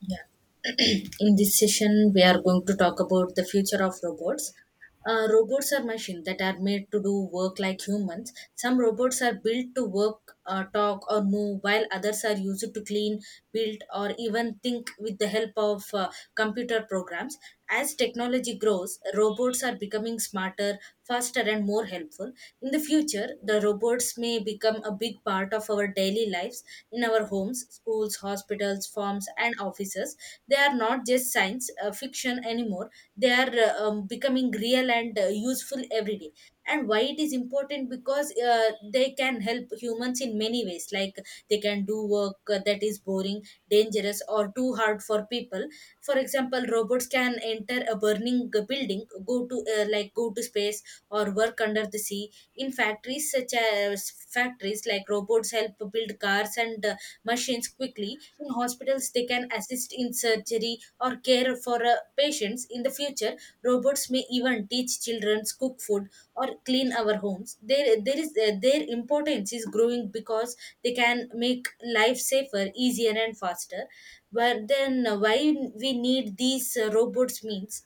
Yeah. In this session, we are going to talk about the future of robots. Robots are machines that are made to do work like humans. Some robots are built to work, talk, or move, while others are used to clean, build, or even think with the help of computer programs. As technology grows, robots are becoming smarter, faster, and more helpful. In the future, the robots may become a big part of our daily lives in our homes, schools, hospitals, farms, and offices. They are not just science fiction anymore, they are becoming real and useful every day. And why it is important, because they can help humans in many ways, like they can do work that is boring, dangerous, or too hard for people. For example, robots can enter a burning building, go to like go to space, or work under the sea. In factories such as factories, like robots help build cars and machines quickly. In hospitals, they can assist in surgery or care for patients. In the future, robots may even teach children, cook food, or clean our homes. There there is uh, their importance is growing because they can make life safer, easier, and faster. But then, why we need these robots means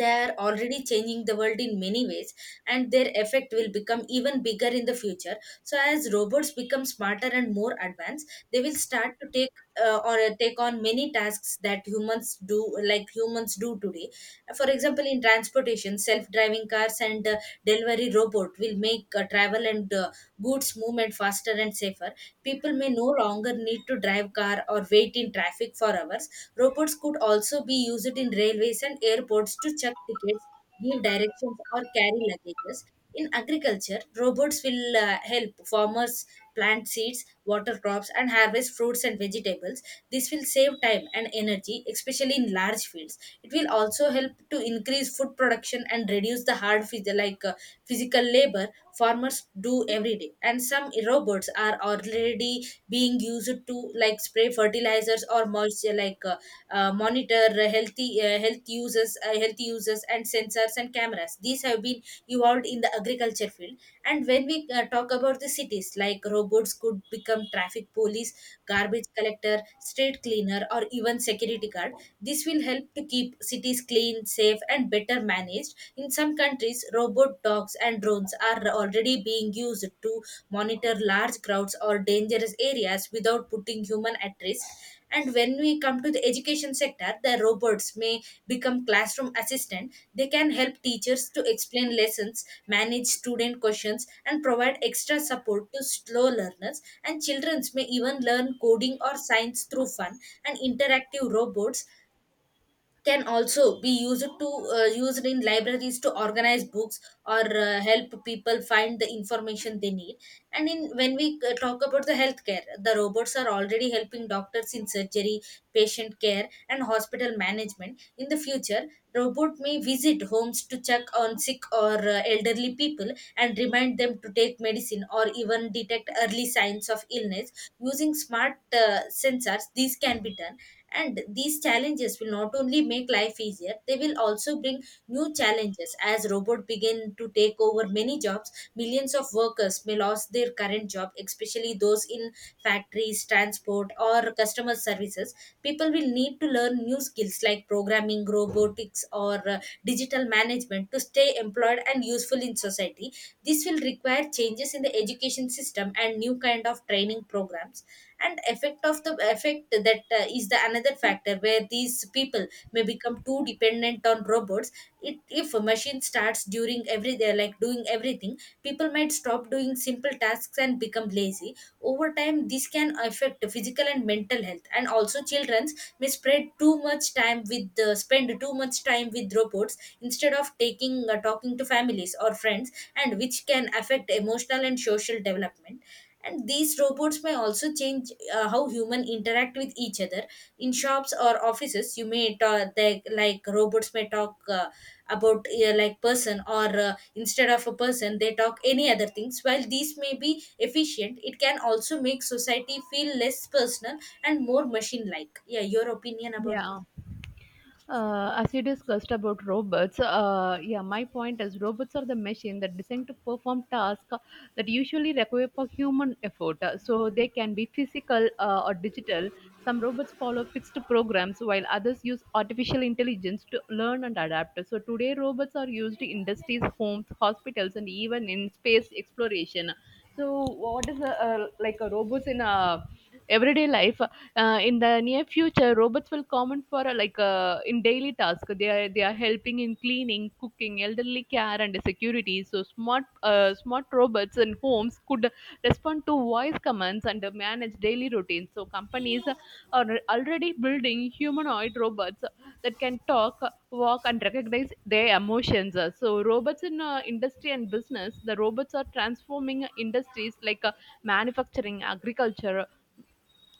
they are already changing the world in many ways, and their effect will become even bigger in the future. So as robots become smarter and more advanced, they will start to take on many tasks that humans do, like humans do today. For example, in transportation, self driving cars and delivery robot will make travel and goods movement faster and safer. People may no longer need to drive car or wait in traffic for hours. Robots could also be used in railways and airports to check tickets, give directions, or carry luggages. In agriculture, robots will help farmers plant seeds, water crops, and harvest fruits and vegetables. This will save time and energy, especially in large fields. It will also help to increase food production and reduce the hard like physical labor farmers do every day. And some robots are already being used to like spray fertilizers or moisture, like monitor healthy health users healthy users, and sensors and cameras. These have been evolved in the agriculture field. And when we talk about the cities, like robots could become traffic police, garbage collector, street cleaner, or even security guard. This will help to keep cities clean, safe, and better managed. In some countries, robot dogs and drones are already being used to monitor large crowds or dangerous areas without putting human at risk. And when we come to the education sector, the robots may become classroom assistant. They can help teachers to explain lessons, manage student questions, and provide extra support to slow learners. And children may even learn coding or science through fun. And interactive robots can also be used in libraries to organize books or help people find the information they need. And in when we talk about the healthcare, the robots are already helping doctors in surgery, patient care, and hospital management. In the future, robot may visit homes to check on sick or elderly people, and remind them to take medicine or even detect early signs of illness using smart sensors. These can be done. And these challenges will not only make life easier, they will also bring new challenges. As robots begin to take over many jobs, millions of workers may lose their current job, especially those in factories, transport, or customer services. People will need to learn new skills like programming, robotics, or digital management to stay employed and useful in society. This will require changes in the education system and new kind of training programs. And effect that is the another factor where these people may become too dependent on robots. If a machine starts during every day, like doing everything, people might stop doing simple tasks and become lazy. Over time, this can affect physical and mental health. And also, children's may spread too much time with the spend too much time with robots instead of taking talking to families or friends, and which can affect emotional and social development. And these robots may also change how human interact with each other. In shops or offices, you may talk, like robots may talk about, like person, or instead of a person they talk any other things. While these may be efficient, it can also make society feel less personal and more machine like. Yeah, your opinion about. Yeah. As you discussed about robots, yeah, my point is robots are the machine that designed to perform tasks that usually require for human effort. So they can be physical or digital. Some robots follow fixed programs, while others use artificial intelligence to learn and adapt. So today, robots are used in industries, homes, hospitals, and even in space exploration. So, what is a robots in a everyday life? In the near future, robots will common for in daily tasks. They are helping in cleaning, cooking, elderly care, and security. So smart robots in homes could respond to voice commands and manage daily routines. So companies are already building humanoid robots that can talk, walk, and recognize their emotions. So, robots in industry and business, the robots are transforming industries like manufacturing, agriculture,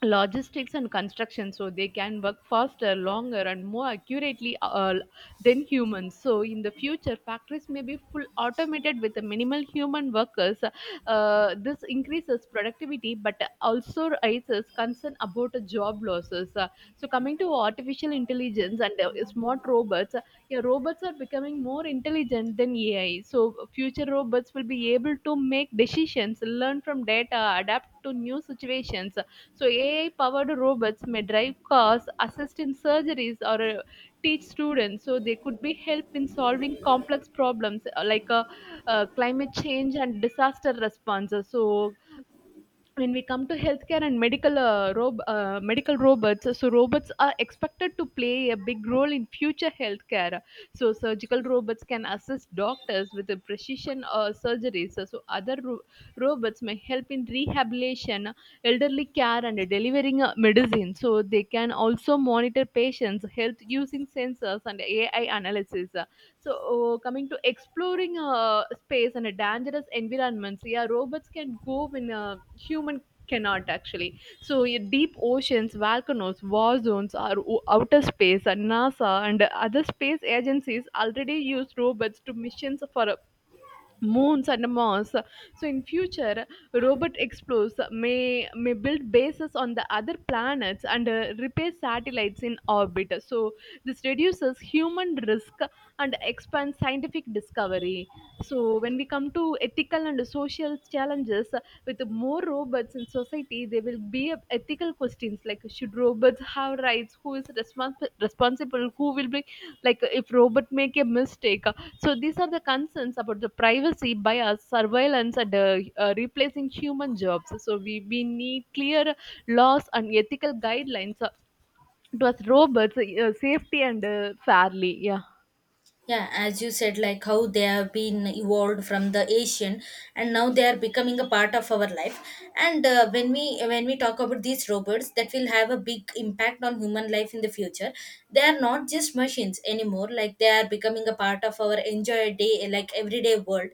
logistics and construction. So they can work faster, longer and more accurately than humans. So in the future, factories may be full automated with minimal human workers. This increases productivity but also raises concern about job losses. So coming to artificial intelligence and smart robots, yeah, robots are becoming more intelligent than ai. So future robots will be able to make decisions, learn from data, adapt to new situations. So AI-powered robots may drive cars, assist in surgeries, or teach students. So they could be help in solving complex problems climate change and disaster responses. So when we come to healthcare and medical medical robots, so robots are expected to play a big role in future healthcare. So surgical robots can assist doctors with the precision surgeries. So robots may help in rehabilitation, elderly care and delivering medicine. So they can also monitor patients health using sensors and ai analysis. So, oh, coming to exploring space and a dangerous environments, yeah, robots can go when human cannot actually. So, yeah, deep oceans, volcanoes, war zones, or outer space, and NASA and other space agencies already use robots to missions for moons and mars. So in future, robot explorers may build bases on the other planets and repair satellites in orbit. So this reduces human risk and expands scientific discovery. So when we come to ethical and social challenges, with more robots in society there will be ethical questions like should robots have rights, who is responsible, who will be like if robot make a mistake. So these are the concerns about the privacy, bias, surveillance, and replacing human jobs. So we need clear laws and ethical guidelines towards robots, safety and fairly. Yeah. Yeah, as you said, like how they have been evolved from the Asian, and now they are becoming a part of our life. And when we talk about these robots that will have a big impact on human life in the future, they are not just machines anymore, like they are becoming a part of our enjoy day, like everyday world.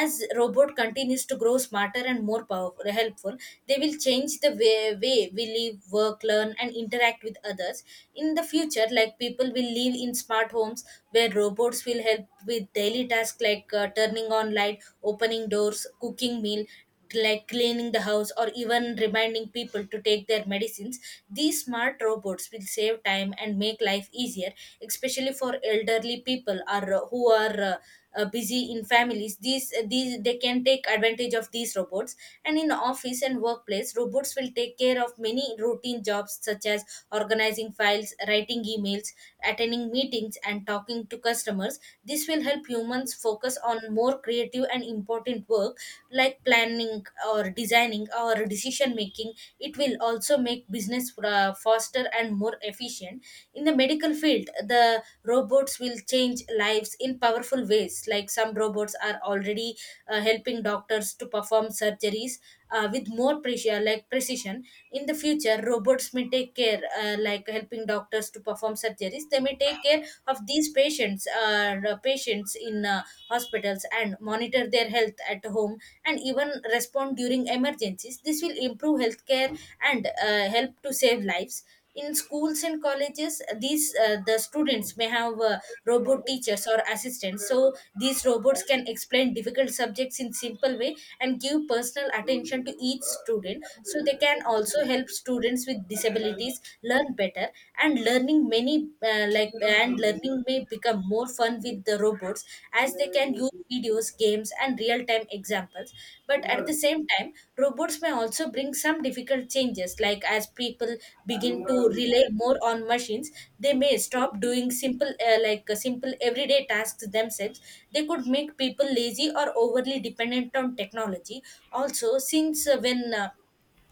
As robot continues to grow smarter and more powerful, helpful, they will change the way we live, work, learn, and interact with others. In the future, like people will live in smart homes where robots will help with daily tasks like turning on light, opening doors, cooking meal, like cleaning the house, or even reminding people to take their medicines. These smart robots will save time and make life easier, especially for elderly people or who are busy in families. These they can take advantage of these robots. And in office and workplace, robots will take care of many routine jobs such as organizing files, writing emails, attending meetings, and talking to customers. This will help humans focus on more creative and important work, like planning, or designing, or decision making. It will also make business faster and more efficient. In the medical field, the robots will change lives in powerful ways. Like some robots are already helping doctors to perform surgeries with more precision. In the future, robots may take care, like helping doctors to perform surgeries. They may take care of these patients in hospitals, and monitor their health at home, and even respond during emergencies. This will improve healthcare and help to save lives. In schools and colleges, the students may have robot teachers or assistants. So these robots can explain difficult subjects in simple way, and give personal attention to each student, so they can also help students with disabilities learn better. And learning many like and learning may become more fun with the robots, as they can use videos, games, and real-time examples. But at the same time, robots may also bring some difficult changes, like as people begin to rely more on machines, they may stop doing simple everyday tasks themselves. They could make people lazy or overly dependent on technology. Also, since when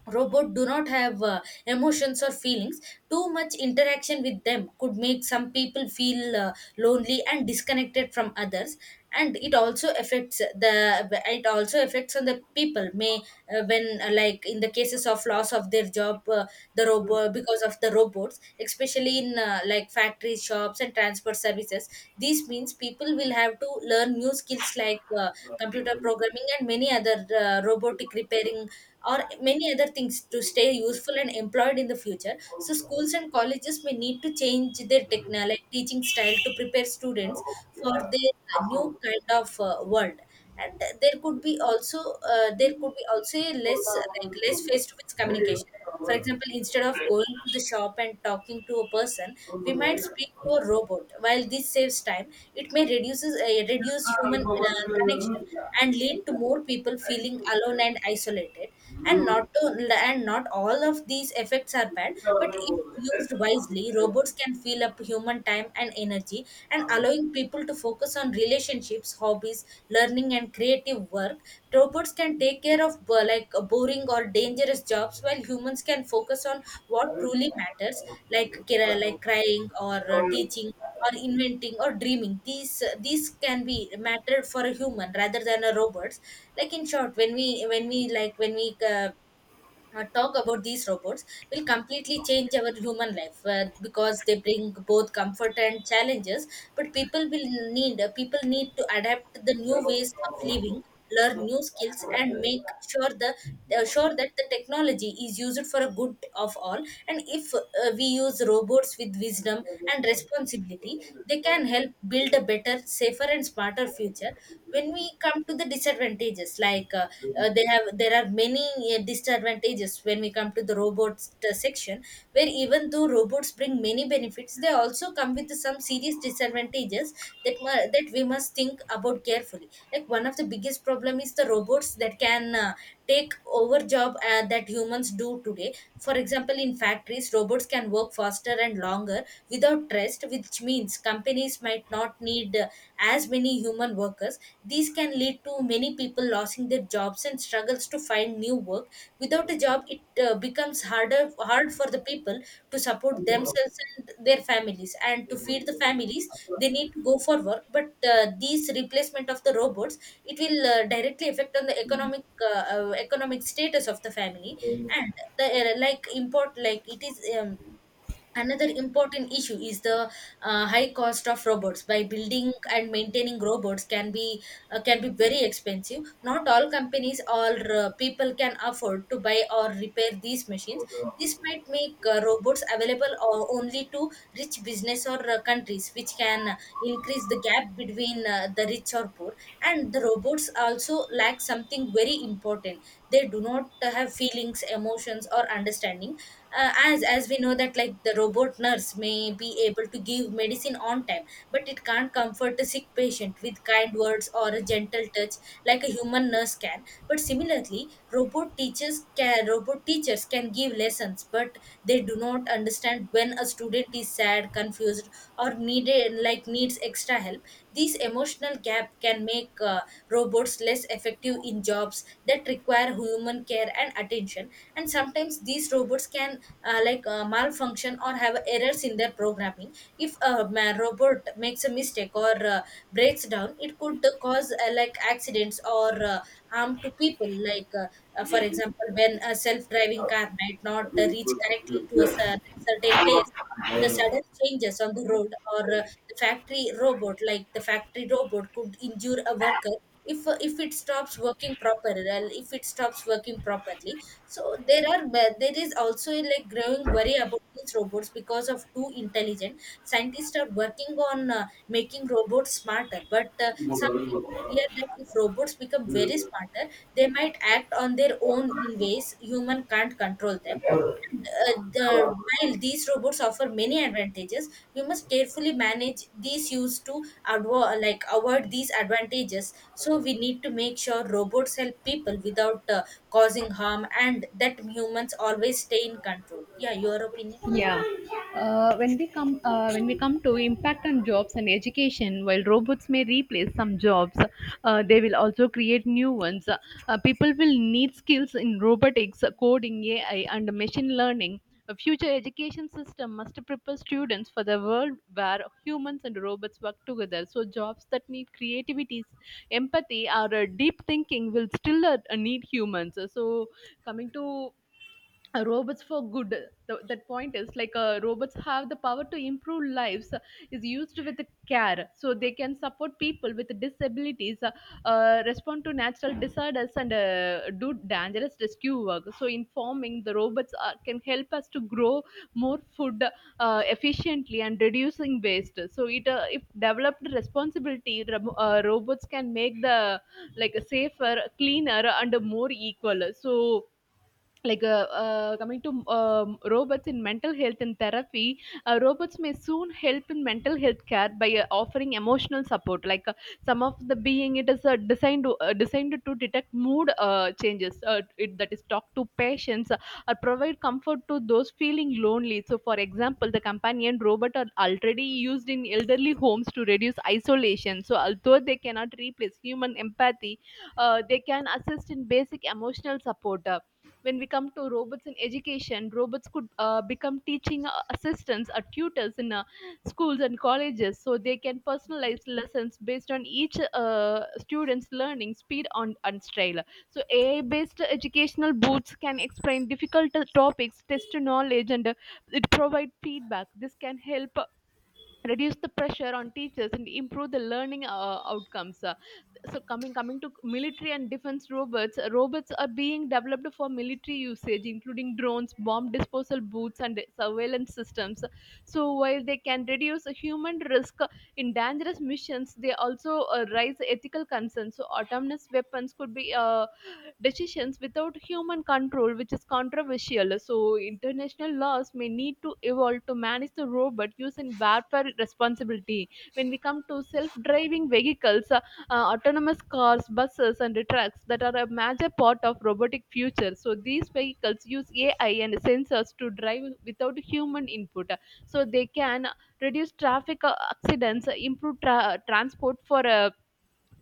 robot do not have emotions or feelings, too much interaction with them could make some people feel lonely and disconnected from others. And it also affects on the people may, when like in the cases of loss of their job, the robot, because of the robots, especially in like factory shops and transport services. This means people will have to learn new skills like computer programming and many other robotic repairing, or many other things to stay useful and employed in the future. So, schools and colleges may need to change their technology, like teaching style, to prepare students for their new kind of world. And there could be also a less, like less face to face communication. For example, instead of going to the shop and talking to a person, we might speak to a robot. While this saves time, it may reduce human connection and lead to more people feeling alone and isolated. And not to and not all of these effects are bad, but if used wisely, robots can fill up human time and energy, and allowing people to focus on relationships, hobbies, learning, and creative work. Robots can take care of like boring or dangerous jobs, while humans can focus on what truly matters, like like crying, or teaching, or inventing, or dreaming. These these can be matter for a human rather than a robot. Like in short, when we like when we talk about these robots will completely change our human life because they bring both comfort and challenges, but people will need people need to adapt to the new ways of living, learn new skills, and make sure the sure that the technology is used for a good of all. And if we use robots with wisdom and responsibility, they can help build a better, safer, and smarter future. When we come to the disadvantages, like they have there are many disadvantages when we come to the robots section, where even though robots bring many benefits, they also come with some serious disadvantages that we must think about carefully. Like, one of the biggest problem is the robots that can take over job that humans do today. For example, in factories, robots can work faster and longer without rest, which means companies might not need as many human workers. These can lead to many people losing their jobs and struggles to find new work. Without a job, it becomes hard for the people to support themselves and their families and to feed the families. They need to go for work, but these replacement of the robots, it will directly affect on the economic status of the family. And the like import like it is another important issue is the high cost of robots. By building and maintaining robots can be very expensive. Not all companies or people can afford to buy or repair these machines. This might make robots available or only to rich business or countries, which can increase the gap between the rich or poor. And the robots also lack something very important. They do not have feelings, emotions, or understanding. As we know that, like, the robot nurse may be able to give medicine on time, but it can't comfort a sick patient with kind words or a gentle touch like a human nurse can. But similarly, robot teachers can give lessons, but they do not understand when a student is sad, confused, or needed like needs extra help. This emotional gap can make robots less effective in jobs that require human care and attention. And sometimes these robots can malfunction or have errors in their programming. If a robot makes a mistake or breaks down, it could cause like accidents or harm to people. For example, when a self-driving car might not reach correctly to a certain place, the sudden changes on the road, or the factory robot could injure a worker if it stops working properly. If it stops working properly So there are there is also a like growing worry about these robots because of too intelligent. Scientists are working on making robots smarter, but some people fear that if robots become very smarter, they might act on their own in ways human can't control them. While these robots offer many advantages, we must carefully manage these use to avoid these advantages. So we need to make sure robots help people without causing harm, and that humans always stay in control. Yeah, your opinion. Yeah. When we come to impact on jobs and education, while robots may replace some jobs, they will also create new ones. People will need skills in robotics, coding, AI, and machine learning. A future education system must prepare students for the world where humans and robots work together. So jobs that need creativity, empathy, or deep thinking will still need humans. So coming to robots for good. Th That point is like robots have the power to improve lives is used with care. So they can support people with disabilities, respond to natural disorders and do dangerous rescue work. So informing, the robots are, can help us to grow more food efficiently and reducing waste. So it if developed responsibility, robots can make the like safer, cleaner and more equal. So coming to robots in mental health and therapy. Robots may soon help in mental health care by offering emotional support, like some of the being it is designed to detect mood changes, that is talk to patients or provide comfort to those feeling lonely. So for example, the companion robot are already used in elderly homes to reduce isolation. So although they cannot replace human empathy, they can assist in basic emotional support. When we come to robots in education, robots could become teaching assistants or tutors in schools and colleges. So they can personalize lessons based on each student's learning speed on, and style. So ai based educational booths can explain difficult topics, test knowledge and it provide feedback. This can help reduce the pressure on teachers and improve the learning outcomes. So coming to military and defense robots. Robots are being developed for military usage including drones, bomb disposal boots and surveillance systems. So while they can reduce the human risk in dangerous missions, they also raise ethical concerns. So autonomous weapons could be decisions without human control, which is controversial. So, international laws may need to evolve to manage the robot use using warfare responsibility. When we come to self driving vehicles, autonomous cars, buses, and trucks that are a major part of robotic future. So, these vehicles use AI and sensors to drive without human input. So, they can reduce traffic accidents, improve transport for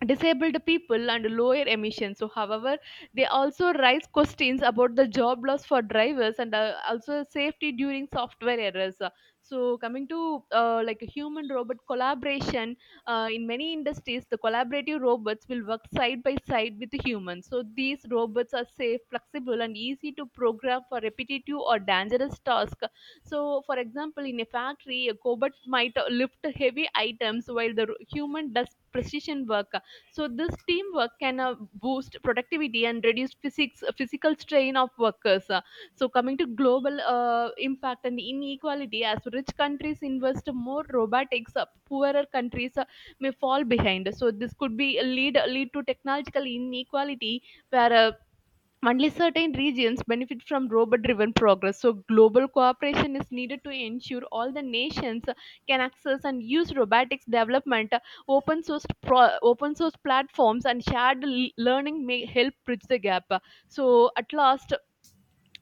disabled people and lower emissions. So however, they also raise questions about the job loss for drivers and also safety during software errors. So coming to like a human robot collaboration, in many industries the collaborative robots will work side by side with the humans. So these robots are safe, flexible and easy to program for repetitive or dangerous tasks. So, for example, in a factory, a cobot might lift heavy items while the human does precision work. So this teamwork can boost productivity and reduce physical strain of workers. So coming to global impact and inequality, as rich countries invest more robotics, poorer countries may fall behind. So this could be lead to technological inequality where only certain regions benefit from robot driven progress. So global cooperation is needed to ensure all the nations can access and use robotics development, open source, open source platforms, and shared learning may help bridge the gap. So, at last,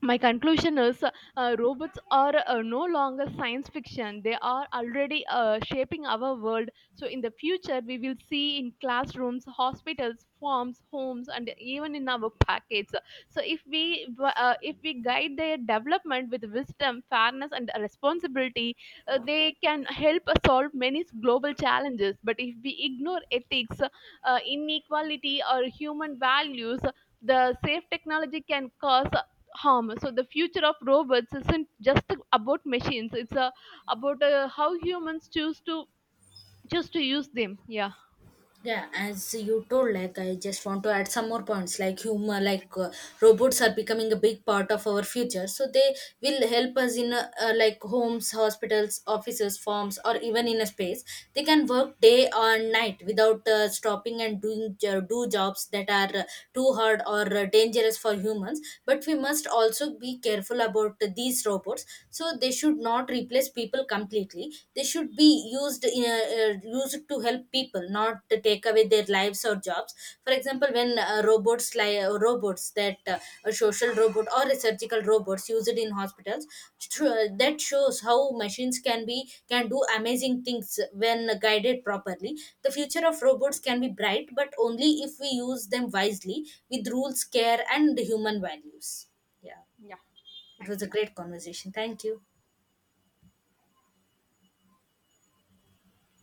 my conclusion is robots are no longer science fiction. They are already shaping our world. So in the future we will see in classrooms, hospitals, farms, homes and even in our pockets. So if we guide their development with wisdom, fairness and responsibility, they can help us solve many global challenges. But if we ignore ethics, inequality or human values, the safe technology can cause harm. So the future of robots isn't just about machines. It's about how humans choose to use them. Yeah. Yeah, as you told, like, I just want to add some more points like humor. Robots are becoming a big part of our future, so they will help us in like homes, hospitals, offices, farms, or even in a space. They can work day or night without stopping and doing do jobs that are too hard or dangerous for humans. But we must also be careful about these robots, so they should not replace people completely. They should be used used to help people, not to take away their lives or jobs. For example, when robots like robots that a social robot or a surgical robots used in hospitals, that shows how machines can do amazing things when guided properly. The future of robots can be bright, but only if we use them wisely with rules, care, and human values. Yeah, Yeah, it thank was a you. great conversation. Thank you.